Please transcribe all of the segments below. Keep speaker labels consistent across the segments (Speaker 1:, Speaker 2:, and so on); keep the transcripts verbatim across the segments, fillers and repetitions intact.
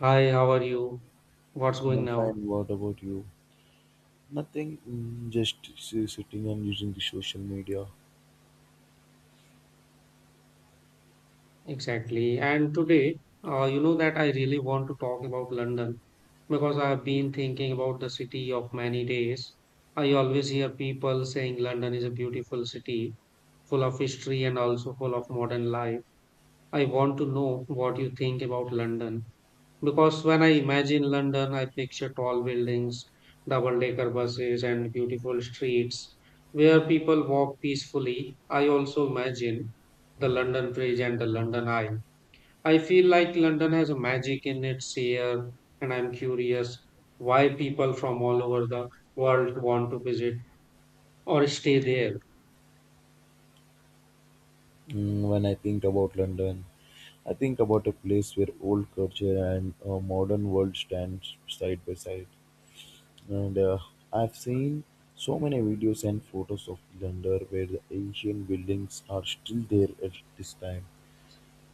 Speaker 1: Hi, how are you? What's going
Speaker 2: I'm
Speaker 1: now?
Speaker 2: fine. What about you? Nothing. mm, Just s- sitting and using the social media.
Speaker 1: Exactly. And today, uh, you know that I really want to talk about London because I have been thinking about the city of many days. I always hear people saying London is a beautiful city, full of history and also full of modern life. I want to know what you think about London. Because when I imagine London, I picture tall buildings, double-decker buses, and beautiful streets where people walk peacefully. I also imagine the London Bridge and the London Eye. I feel like London has a magic in its air, and I'm curious why people from all over the world want to visit or stay there.
Speaker 2: Mm, When I think about London, I think about a place where old culture and uh, modern world stands side by side. And uh, I've seen so many videos and photos of London where the ancient buildings are still there at this time.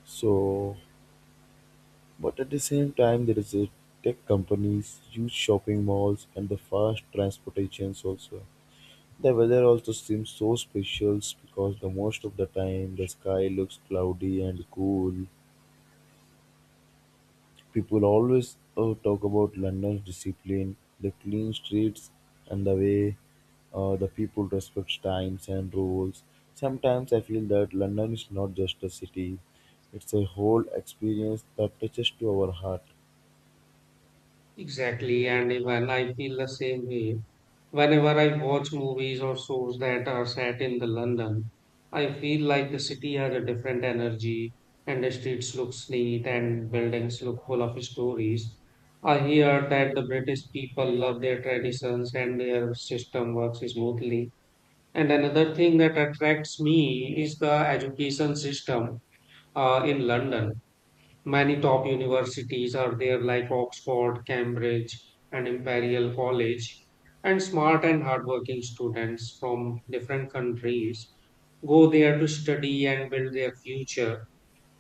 Speaker 2: So, but at the same time, there is a tech companies, huge shopping malls, and the fast transportations also. The weather also seems so special because the most of the time the sky looks cloudy and cool. People always uh, talk about London's discipline, the clean streets, and the way uh, the people respect times and rules. Sometimes I feel that London is not just a city; it's a whole experience that touches to our heart.
Speaker 1: Exactly, and even I feel the same way. Whenever I watch movies or shows that are set in the London, I feel like the city has a different energy and the streets look neat and buildings look full of stories. I hear that the British people love their traditions and their system works smoothly. And another thing that attracts me is the education system uh, in London. Many top universities are there, like Oxford, Cambridge, and Imperial College, and smart and hardworking students from different countries go there to study and build their future.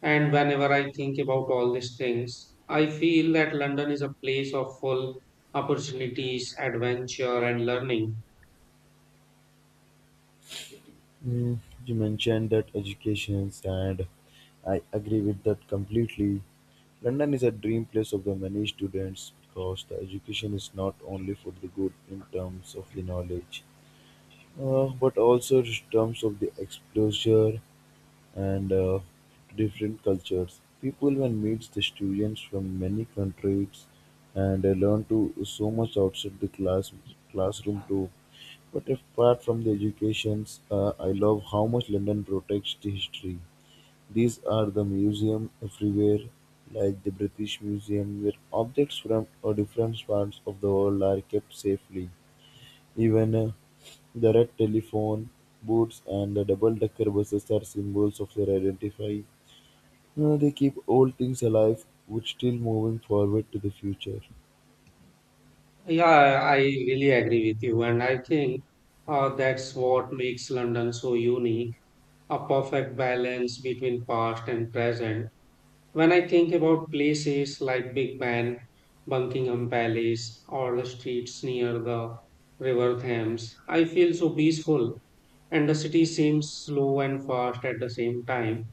Speaker 1: And whenever I think about all these things, I feel that London is a place of full opportunities, adventure, and learning.
Speaker 2: Mm, you mentioned that educations, and I agree with that completely. London is a dream place of the many students because the education is not only for the good in terms of the knowledge, uh, but also in terms of the exposure and uh, different cultures. People when meets the students from many countries and they learn to so much outside the class classroom too. But apart from the educations, uh, I love how much London protects the history. These are the museum everywhere, like the British Museum, where objects from uh, different parts of the world are kept safely. Even uh, the red telephone, boots, and the double-decker buses are symbols of their identity. Uh, they keep old things alive, which still moving forward to the future.
Speaker 1: Yeah, I really agree with you, and I think uh, that's what makes London so unique. A perfect balance between past and present. When I think about places like Big Ben, Buckingham Palace, or the streets near the River Thames, I feel so peaceful. And the city seems slow and fast at the same time.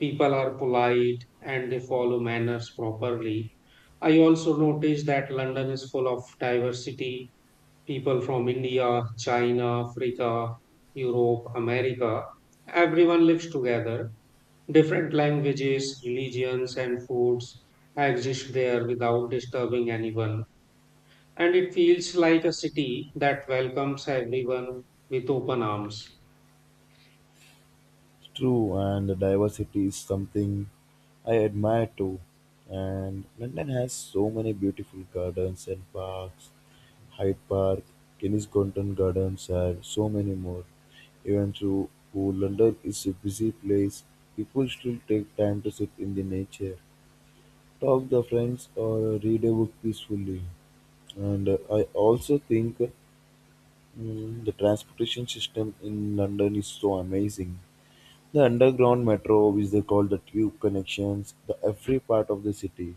Speaker 1: People are polite and they follow manners properly. I also notice that London is full of diversity. People from India, China, Africa, Europe, America, everyone lives together. Different languages, religions, and foods exist there without disturbing anyone, and it feels like a city that welcomes everyone with open arms.
Speaker 2: True, and the diversity is something I admire too. And London has so many beautiful gardens and parks, Hyde Park, Kenneth Gonton Gardens, and so many more. Even though though London is a busy place, people still take time to sit in the nature, talk to friends, or read a book peacefully. And uh, I also think Mm, the transportation system in London is so amazing. The underground metro, which they call the tube connections, the every part of the city,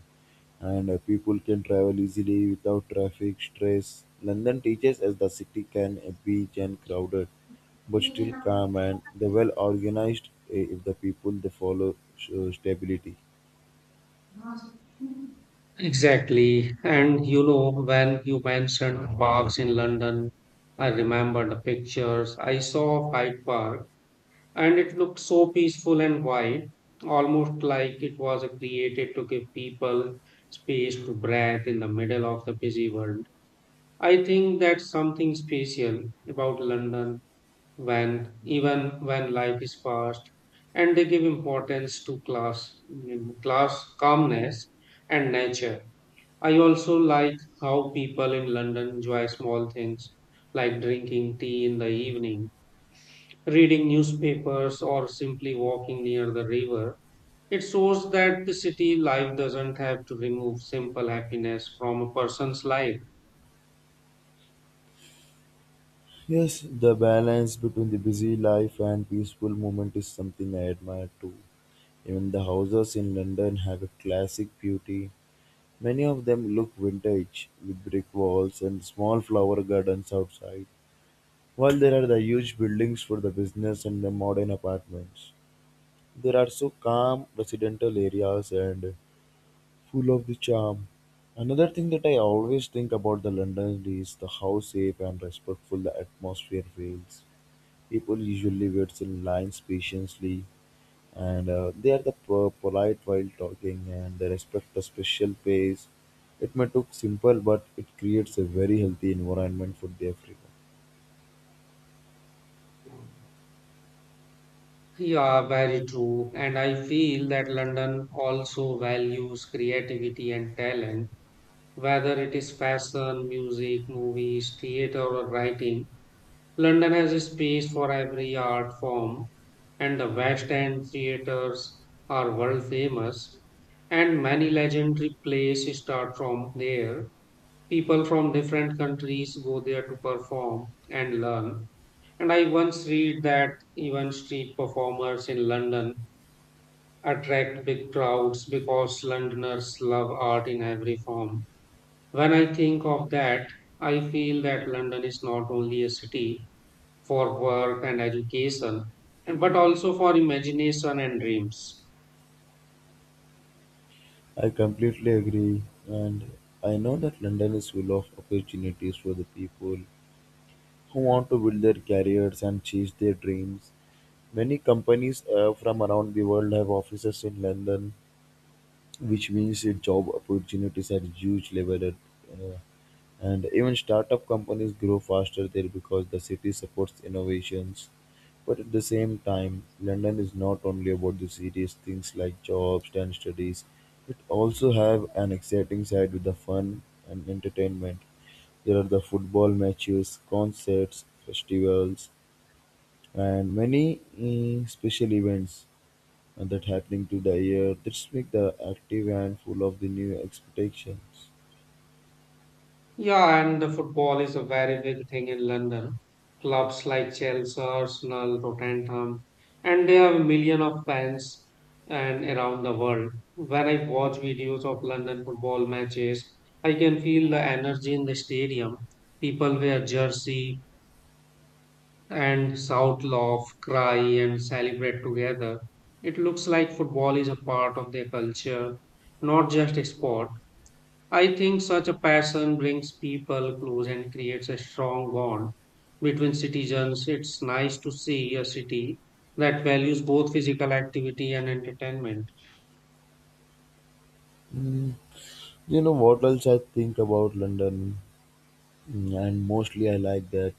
Speaker 2: and uh, people can travel easily without traffic stress. London teaches us the city can uh, be and crowded, but still calm and they well organized uh, if the people they follow uh, stability.
Speaker 1: Exactly. And you know, when you mentioned parks in London, I remember the pictures. I saw Hyde Park and it looked so peaceful and wide, almost like it was created to give people space to breathe in the middle of the busy world. I think that's something special about London when even when life is fast and they give importance to class mm, class calmness and nature. I also like how people in London enjoy small things like drinking tea in the evening, reading newspapers or simply walking near the river. It shows that the city life doesn't have to remove simple happiness from a person's life.
Speaker 2: Yes, the balance between the busy life and peaceful moment is something I admire too. Even the houses in London have a classic beauty. Many of them look vintage, with brick walls and small flower gardens outside. While there are the huge buildings for the business and the modern apartments, there are so calm residential areas and full of the charm. Another thing that I always think about the London is the how safe and respectful the atmosphere feels. People usually waits in lines patiently and uh, they are the po- polite while talking and they respect the special pace. It may look simple, but it creates a very healthy environment for the everyone.
Speaker 1: Yeah, very true. And I feel that London also values creativity and talent, whether it is fashion, music, movies, theater, or writing. London has a space for every art form, and the West End theaters are world famous, and many legendary plays start from there. People from different countries go there to perform and learn. And I once read that even street performers in London attract big crowds because Londoners love art in every form. When I think of that, I feel that London is not only a city for work and education, and- but also for imagination and dreams.
Speaker 2: I completely agree, and I know that London is full of opportunities for the people who want to build their careers and chase their dreams. Many companies uh, from around the world have offices in London, which means that job opportunities are huge level at uh, And even startup companies grow faster there because the city supports innovations. But at the same time, London is not only about the serious things like jobs and studies. It also have an exciting side with the fun and entertainment. There are the football matches, concerts, festivals, and many eh, special events uh, that happening to the year. This make the active and full of the new expectations.
Speaker 1: Yeah, and the football is a very big thing in London. Clubs like Chelsea, Arsenal, Tottenham, and they have a million of fans and around the world. When I watch videos of London football matches, I can feel the energy in the stadium. People wear jersey and shout, laugh, cry, and celebrate together. It looks like football is a part of their culture, not just a sport. I think such a passion brings people close and creates a strong bond between citizens. It's nice to see a city that values both physical activity and entertainment.
Speaker 2: Mm, You know what else I think about London, Mm, and mostly I like that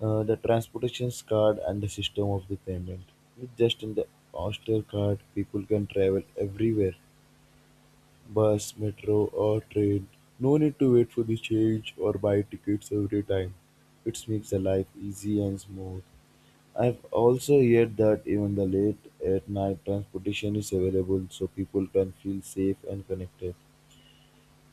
Speaker 2: uh, the transportation card and the system of the payment. With just in the Oyster card, people can travel everywhere, bus, metro, or train. No need to wait for the change or buy tickets every time. It makes the life easy and smooth. I've also heard that even the late at night transportation is available, so people can feel safe and connected.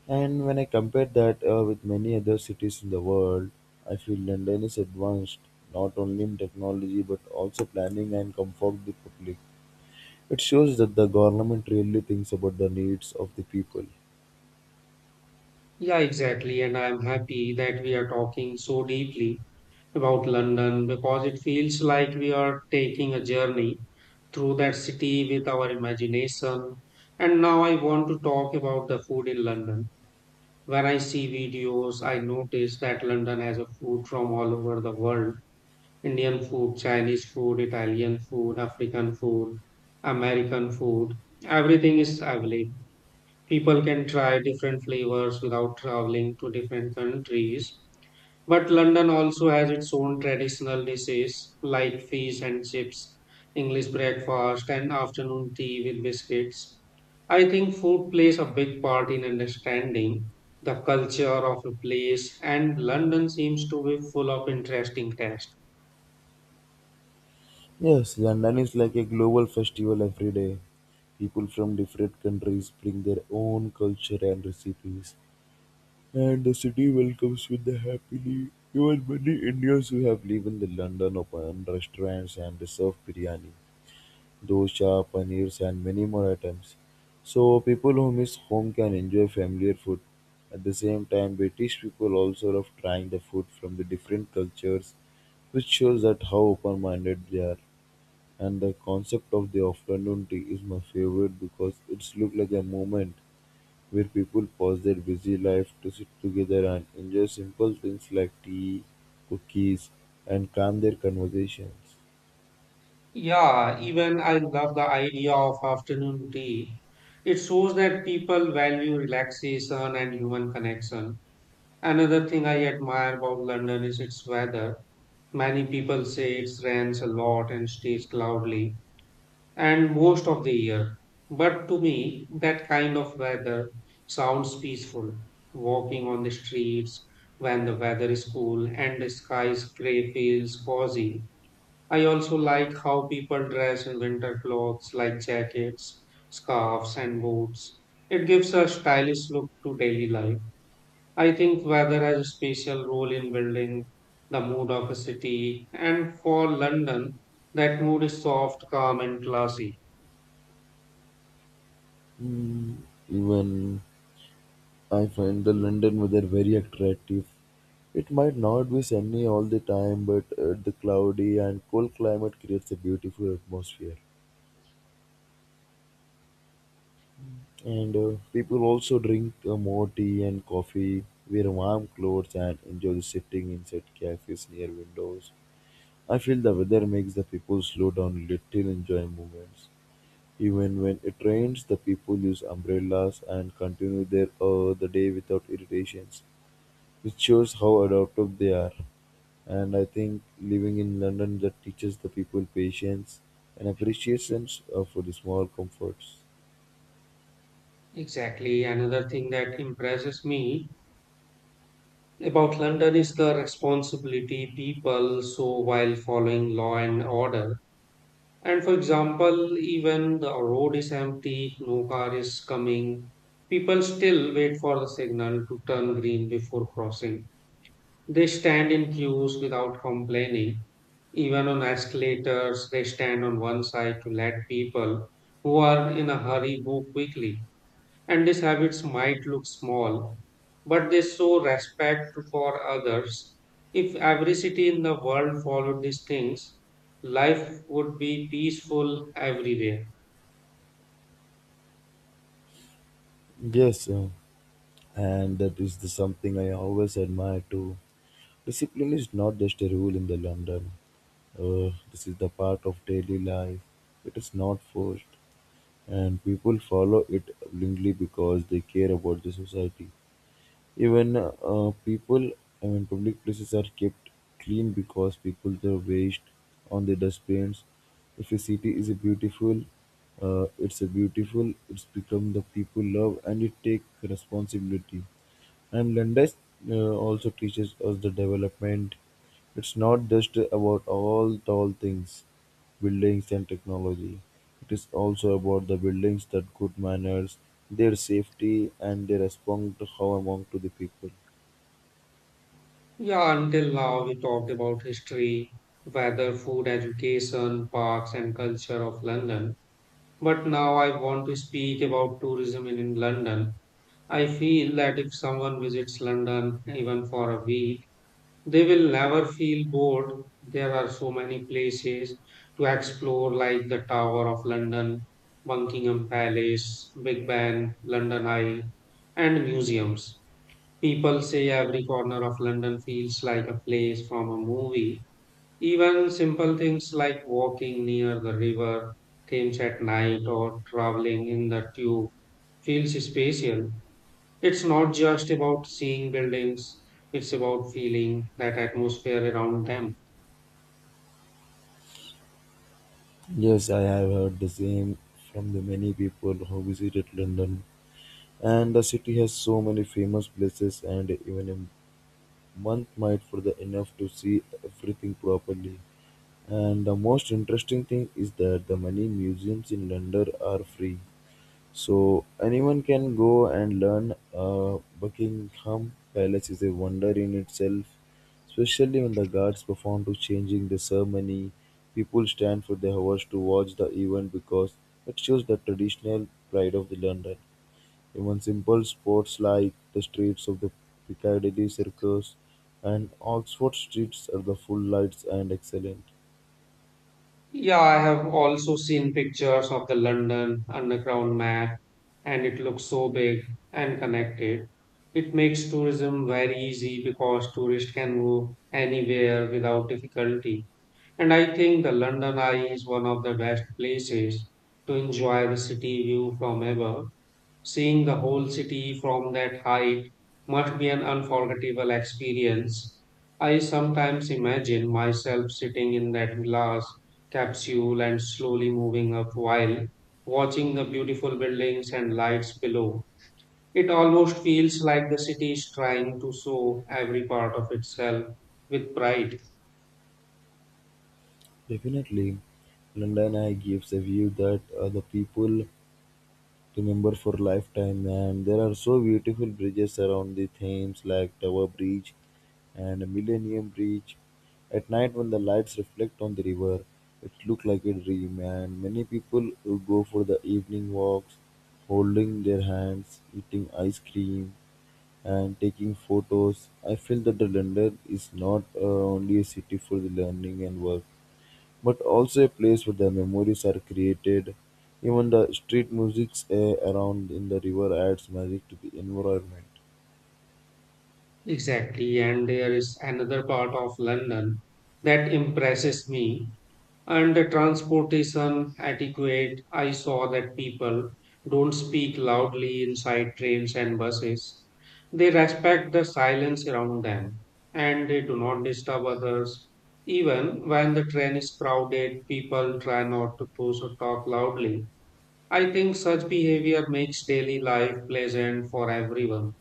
Speaker 2: And when I compare that uh, with many other cities in the world, I feel London is advanced not only in technology but also planning and comfort the public. It shows that the government really thinks about the needs of the people.
Speaker 1: Yeah, exactly. And I'm happy that we are talking so deeply about London because it feels like we are taking a journey through that city with our imagination. And now I want to talk about the food in London. When I see videos, I notice that London has a food from all over the world. Indian food, Chinese food, Italian food, African food, American food. Everything is available. People can try different flavors without traveling to different countries. But London also has its own traditional dishes like fish and chips, English breakfast, and afternoon tea with biscuits. I think food plays a big part in understanding the culture of a place, and London seems to be full of interesting tastes.
Speaker 2: Yes, London is like a global festival every day. People from different countries bring their own culture and recipes, and the city welcomes with the happily even many Indians who have lived in the London open restaurants and serve biryani, dosa, paneers, and many more items. So people who miss home can enjoy familiar food. At the same time, British people also love trying the food from the different cultures, which shows that how open-minded they are. And the concept of the afternoon tea is my favorite because it's look like a moment where people pause their busy life to sit together and enjoy simple things like tea, cookies, and calm their conversations.
Speaker 1: Yeah, even I love the idea of afternoon tea. It shows that people value relaxation and human connection. Another thing I admire about London is its weather. Many people say it rains a lot and stays cloudy and most of the year. But to me, that kind of weather sounds peaceful. Walking on the streets when the weather is cool and the sky is gray feels cozy. I also like how people dress in winter clothes like jackets, scarves, and boots. It gives a stylish look to daily life. I think weather has a special role in building the mood of a city, and for London, that mood is soft, calm, and classy.
Speaker 2: Mm, even I find the London weather very attractive. It might not be sunny all the time, but uh, the cloudy and cool climate creates a beautiful atmosphere. And uh, people also drink uh, more tea and coffee, wear warm clothes, and enjoy the sitting inside cafes near windows. I feel the weather makes the people slow down little, enjoy moments. Even when it rains, the people use umbrellas and continue their uh, the day without irritations, which shows how adaptive they are. And I think living in London that teaches the people patience and appreciation uh, for the small comforts.
Speaker 1: Exactly. Another thing that impresses me about London is the responsibility people show while following law and order. And for example, even the road is empty, no car is coming, people still wait for the signal to turn green before crossing. They stand in queues without complaining. Even on escalators, they stand on one side to let people who are in a hurry go quickly. And these habits might look small, but they show respect for others. If every city in the world followed these things, life would be peaceful everywhere.
Speaker 2: Yes, uh, and that is the something I always admire too. Discipline is not just a rule in the London. Uh, this is the part of daily life. It is not forced, and people follow it willingly because they care about the society. Even uh, people, I mean, public places are kept clean because people throw waste on the dustbins. If a city is a beautiful, uh, it's a beautiful. It's become the people love and it take responsibility. And Brandeis uh, also teaches us the development. It's not just about all tall things, buildings and technology. It is also about the buildings that good manners, their safety, and they respond to how among to the people.
Speaker 1: Yeah, until now we talked about history, weather, food, education, parks, and culture of London. But now I want to speak about tourism in, in London. I feel that if someone visits London even for a week, they will never feel bored. There are so many places to explore, like the Tower of London, Buckingham Palace, Big Ben, London Eye, and museums. People say every corner of London feels like a place from a movie. Even simple things like walking near the river Thames at night or traveling in the tube feels spatial. It's not just about seeing buildings, it's about feeling that atmosphere around them.
Speaker 2: Yes, I have heard the same from the many people who visited London. And the city has so many famous places, and even a month might for the enough to see everything properly. And the most interesting thing is that the many museums in London are free. So anyone can go and learn uh, Buckingham Palace is a wonder in itself, especially when the guards perform to changing the ceremony. People stand for the hours to watch the event because it shows the traditional pride of the London. Even simple sports like the streets of the Piccadilly Circus and Oxford streets are the full lights and excellent.
Speaker 1: Yeah, I have also seen pictures of the London Underground map, and it looks so big and connected. It makes tourism very easy because tourists can go anywhere without difficulty. And I think the London Eye is one of the best places to enjoy the city view from above. Seeing the whole city from that height must be an unforgettable experience. I sometimes imagine myself sitting in that glass capsule and slowly moving up while watching the beautiful buildings and lights below. It almost feels like the city is trying to show every part of itself with pride.
Speaker 2: Definitely. London Eye gives a view that uh, the people remember for lifetime, and there are so beautiful bridges around the Thames, like Tower Bridge and Millennium Bridge. At night, when the lights reflect on the river, it looks like a dream, and many people will go for the evening walks, holding their hands, eating ice cream, and taking photos. I feel that the London is not uh, only a city for the learning and work but also a place where the memories are created. Even the street music's uh, around in the river adds magic to the environment.
Speaker 1: Exactly, and there is another part of London that impresses me. And the transportation etiquette, I saw that people don't speak loudly inside trains and buses. They respect the silence around them and they do not disturb others. Even when the train is crowded, people try not to push or talk loudly. I think such behavior makes daily life pleasant for everyone.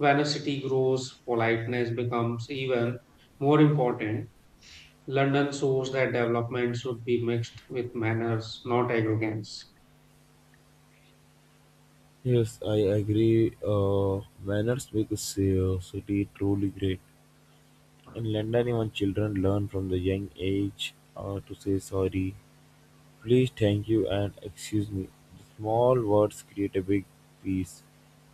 Speaker 1: Vaniosity grows, politeness becomes even more important. London shows that development should be mixed with manners, not arrogance.
Speaker 2: Yes, I agree. Uh, manners make a ci- uh, city truly great. In London, even children learn from the young age uh, to say sorry, please, thank you, and excuse me. The small words create a big peace,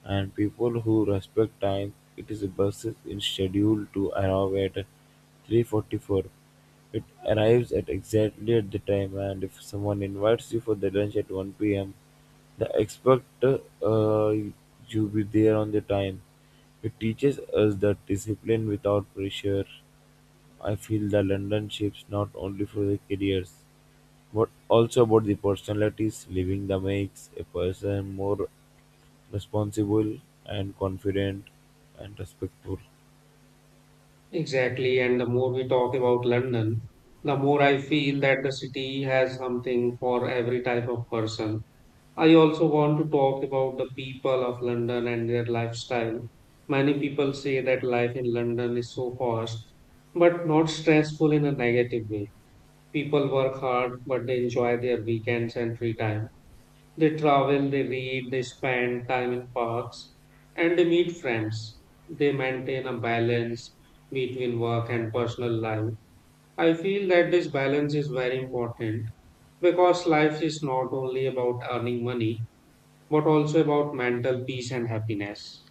Speaker 2: and people who respect time. It is a bus is scheduled to arrive at three forty-four. It arrives at exactly at the time, and if someone invites you for the lunch at one p m, the expect uh, you be there on the time. It teaches us that discipline without pressure. I feel the London ships not only for the careers but also about the personalities living that makes a person more responsible and confident and respectful.
Speaker 1: Exactly, and the more we talk about London, the more I feel that the city has something for every type of person. I also want to talk about the people of London and their lifestyle. Many people say that life in London is so fast, but not stressful in a negative way. People work hard, but they enjoy their weekends and free time. They travel, they read, they spend time in parks, and they meet friends. They maintain a balance between work and personal life. I feel that this balance is very important because life is not only about earning money, but also about mental peace and happiness.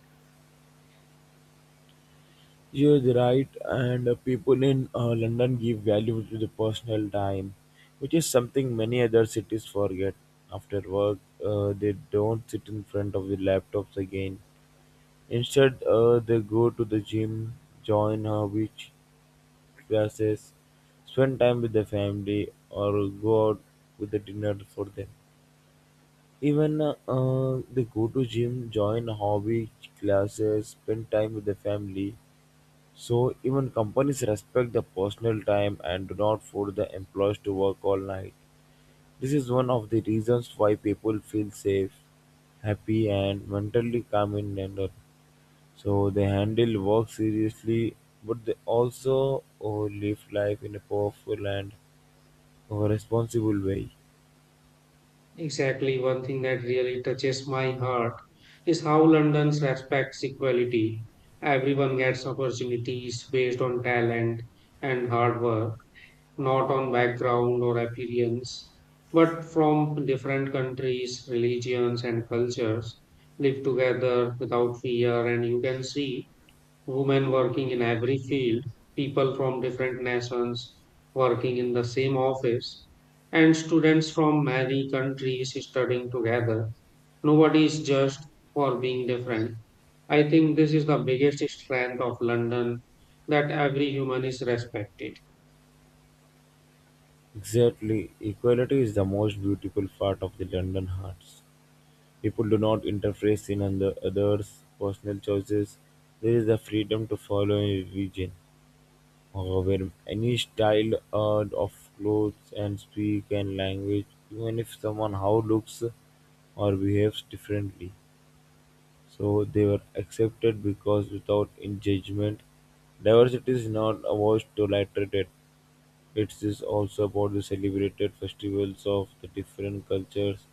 Speaker 2: You're right, and uh, people in uh, London give value to the personal time, which is something many other cities forget. After work, uh, they don't sit in front of the laptops again. Instead, uh, they go to the gym, join uh, beach classes, spend time with the family, or go out with the dinner for them. Even uh, they go to gym, join hobby classes, spend time with the family. So even companies respect the personal time and do not force the employees to work all night. This is one of the reasons why people feel safe, happy, and mentally calm in Nandor. So they handle work seriously, but they also uh, live life in a powerful and uh, responsible way.
Speaker 1: Exactly, one thing that really touches my heart is how London respects equality. Everyone gets opportunities based on talent and hard work, not on background or appearance, but from different countries, religions, and cultures live together without fear. And you can see women working in every field, people from different nations working in the same office, and students from many countries studying together. Nobody is judged for being different. I think this is the biggest strength of London that every human is respected.
Speaker 2: Exactly. Equality is the most beautiful part of the London hearts. People do not interface in other, others' personal choices. There is the freedom to follow any religion or wear any style uh, of clothes and speak and language, even if someone how looks or behaves differently. So they were accepted because without in judgment, diversity is not about tolerated. It is also about the celebrated festivals of the different cultures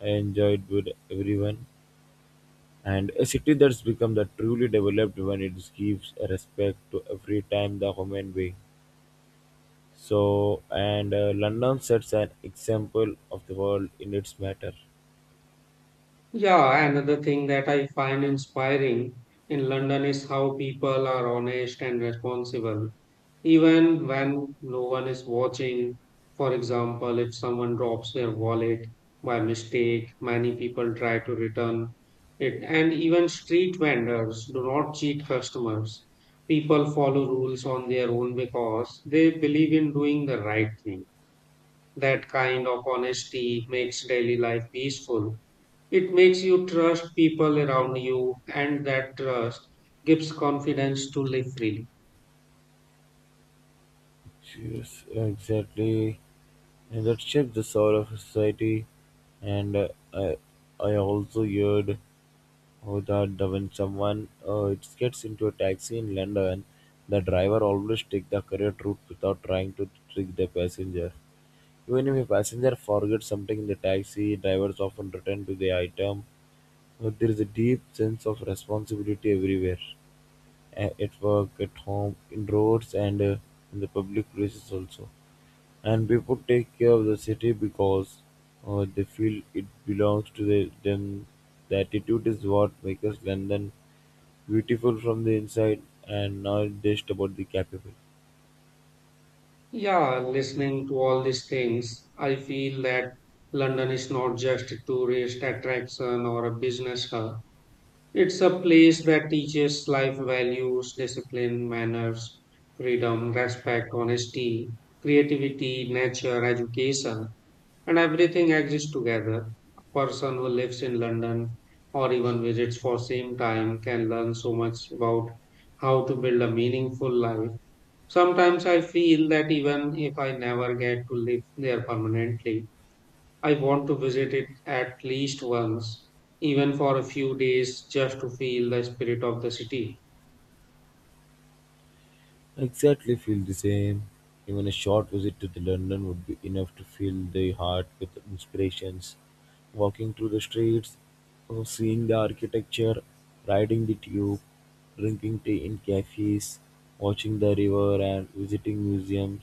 Speaker 2: enjoyed with everyone. And a city that's become the truly developed when it gives a respect to every time the human being. So, and uh, London sets an example of the world in its matter.
Speaker 1: Yeah, another thing that I find inspiring in London is how people are honest and responsible, even when no one is watching. For example, if someone drops their wallet by mistake, many people try to return it. And even street vendors do not cheat customers. People follow rules on their own because they believe in doing the right thing. That kind of honesty makes daily life peaceful. It makes you trust people around you, and that trust gives confidence to live freely.
Speaker 2: Yes, exactly. And that shaped the soul of society. And uh, I, I also heard oh, that the- when someone uh, it gets into a taxi in London, the driver always take the correct route without trying to trick the passenger. Even if a passenger forgets something in the taxi, drivers often return to the item. Uh, there is a deep sense of responsibility everywhere, a- at work, at home, in roads, and uh, in the public places also. And people take care of the city because uh, they feel it belongs to the, them. The attitude is what makes London beautiful from the inside and not just about the capital.
Speaker 1: Yeah, listening to all these things, I feel that London is not just a tourist attraction or a business hub. It's a place that teaches life values, discipline, manners, freedom, respect, honesty, creativity, nature, education, and everything exists together. A person who lives in London or even visits for same time can learn so much about how to build a meaningful life. Sometimes I feel that even if I never get to live there permanently, I want to visit it at least once, even for a few days, just to feel the spirit of the city.
Speaker 2: Exactly feel the same. Even a short visit to the London would be enough to fill the heart with inspirations. Walking through the streets, uh, seeing the architecture, riding the tube, drinking tea in cafes, watching the river and visiting museums.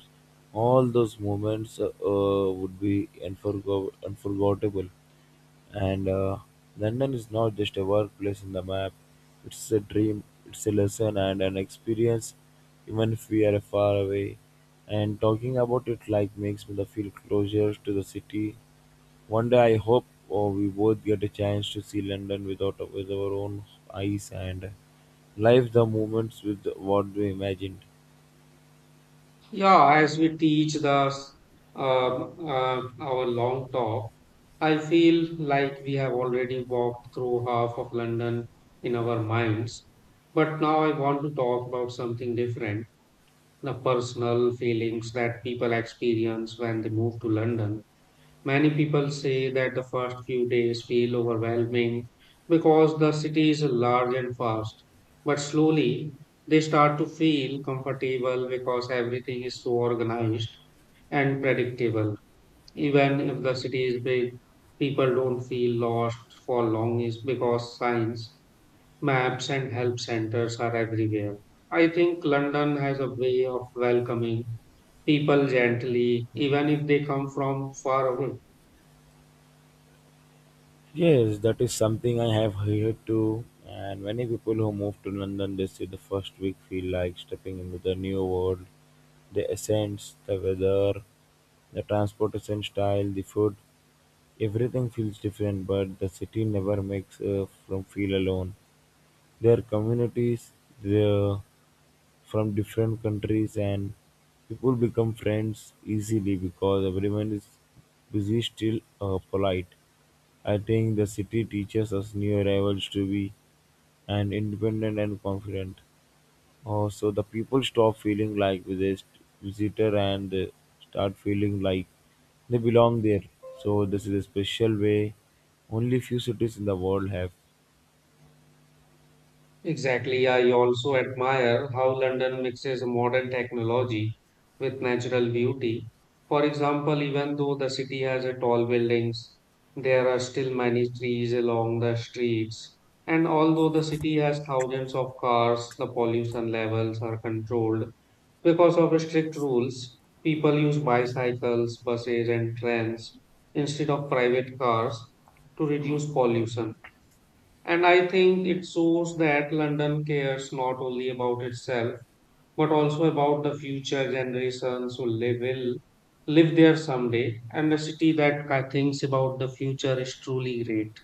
Speaker 2: All those moments uh, uh, would be unforgo- unforgettable. And uh, London is not just a workplace in the map, it's a dream, it's a lesson, and an experience, even if we are far away. And talking about it like makes me the feel closer to the city. One day I hope oh, we both get a chance to see London without with our own eyes and live the moments with what we imagined.
Speaker 1: Yeah, as we teach the s- um uh, our long talk, I feel like we have already walked through half of London in our minds. But now I want to talk about something different, the personal feelings that people experience when they move to London. Many people say that the first few days feel overwhelming because the city is large and fast. But slowly, they start to feel comfortable because everything is so organized and predictable. Even if the city is big, people don't feel lost for long is because signs, maps, and help centers are everywhere. I think London has a way of welcoming people gently, even if they come from far away.
Speaker 2: Yes, that is something I have heard too. And many people who move to London, they say the first week feel like stepping into the new world. The essence, the weather, the transportation style, the food, everything feels different. But the city never makes uh, from feel alone. Their communities, the from different countries and people become friends easily because everyone is busy still uh, polite. I think the city teaches us new arrivals to be and independent and confident. Also, the people stop feeling like visit- visitor and uh, start feeling like they belong there. So this is a special way only few cities in the world have.
Speaker 1: Exactly. I also admire how London mixes modern technology with natural beauty. For example, even though the city has a tall buildings, there are still many trees along the streets. And although the city has thousands of cars, the pollution levels are controlled because of strict rules. People use bicycles, buses, and trains instead of private cars to reduce pollution. And I think it shows that London cares not only about itself, but also about the future generations who live, will live there someday. And a city that ki- thinks about the future is truly great.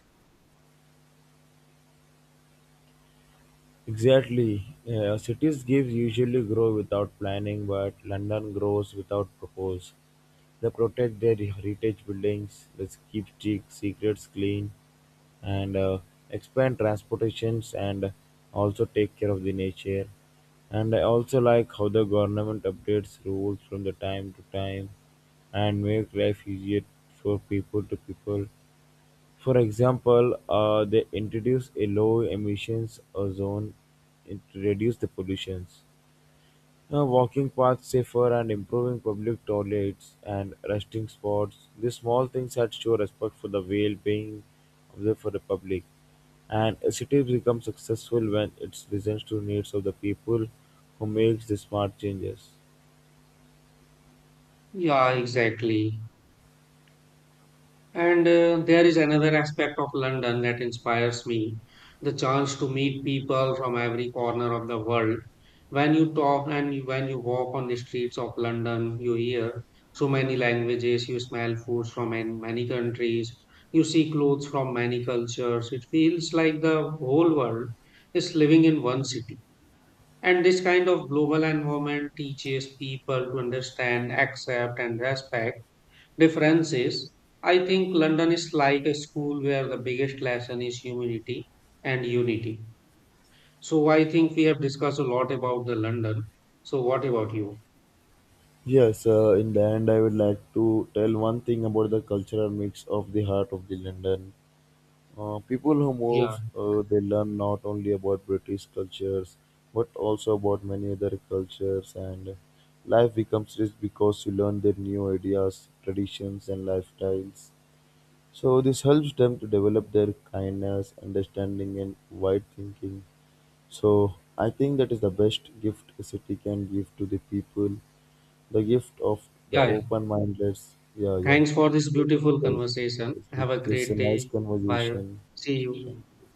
Speaker 2: Exactly. Yeah, cities gives usually grow without planning, but London grows without propose. They protect their heritage buildings, they keep sec- secrets clean, and uh, expand transportations and also take care of the nature. And I also like how the government updates rules from the time to time and make life easier for people to people. For example, uh, they introduce a low-emissions zone in- to reduce the pollutions, uh, walking paths safer and improving public toilets and resting spots. These small things that show respect for the well-being of the for the public. And a city becomes successful when it listens to needs of the people who makes the smart changes.
Speaker 1: Yeah, exactly. And uh, there is another aspect of London that inspires me, the chance to meet people from every corner of the world. When you talk and you- when you walk on the streets of London, you hear so many languages, you smell foods from an- many countries, you see clothes from many cultures. It feels like the whole world is living in one city. And this kind of global environment teaches people to understand, accept, and respect difference is I think London is like a school where the biggest lesson is humility and unity. So I think we have discussed a lot about the London. So what about you?
Speaker 2: Yes, uh, in the end, I would like to tell one thing about the cultural mix of the heart of the London. Uh, people who
Speaker 1: Yeah,
Speaker 2: move, uh, they learn not only about British cultures, but also about many other cultures, and life becomes rich because you learn their new ideas, traditions, and lifestyles. So this helps them to develop their kindness, understanding, and wide thinking. So I think that is the best gift a city can give to the people, the gift of the
Speaker 1: yeah, yeah.
Speaker 2: open-mindedness. Yeah, yeah.
Speaker 1: Thanks for this
Speaker 2: Yes,
Speaker 1: beautiful
Speaker 2: yes,
Speaker 1: conversation.
Speaker 2: yes.
Speaker 1: Have a
Speaker 2: It's a
Speaker 1: great
Speaker 2: nice
Speaker 1: day. Bye.
Speaker 2: conversation.
Speaker 1: See you.
Speaker 2: Thank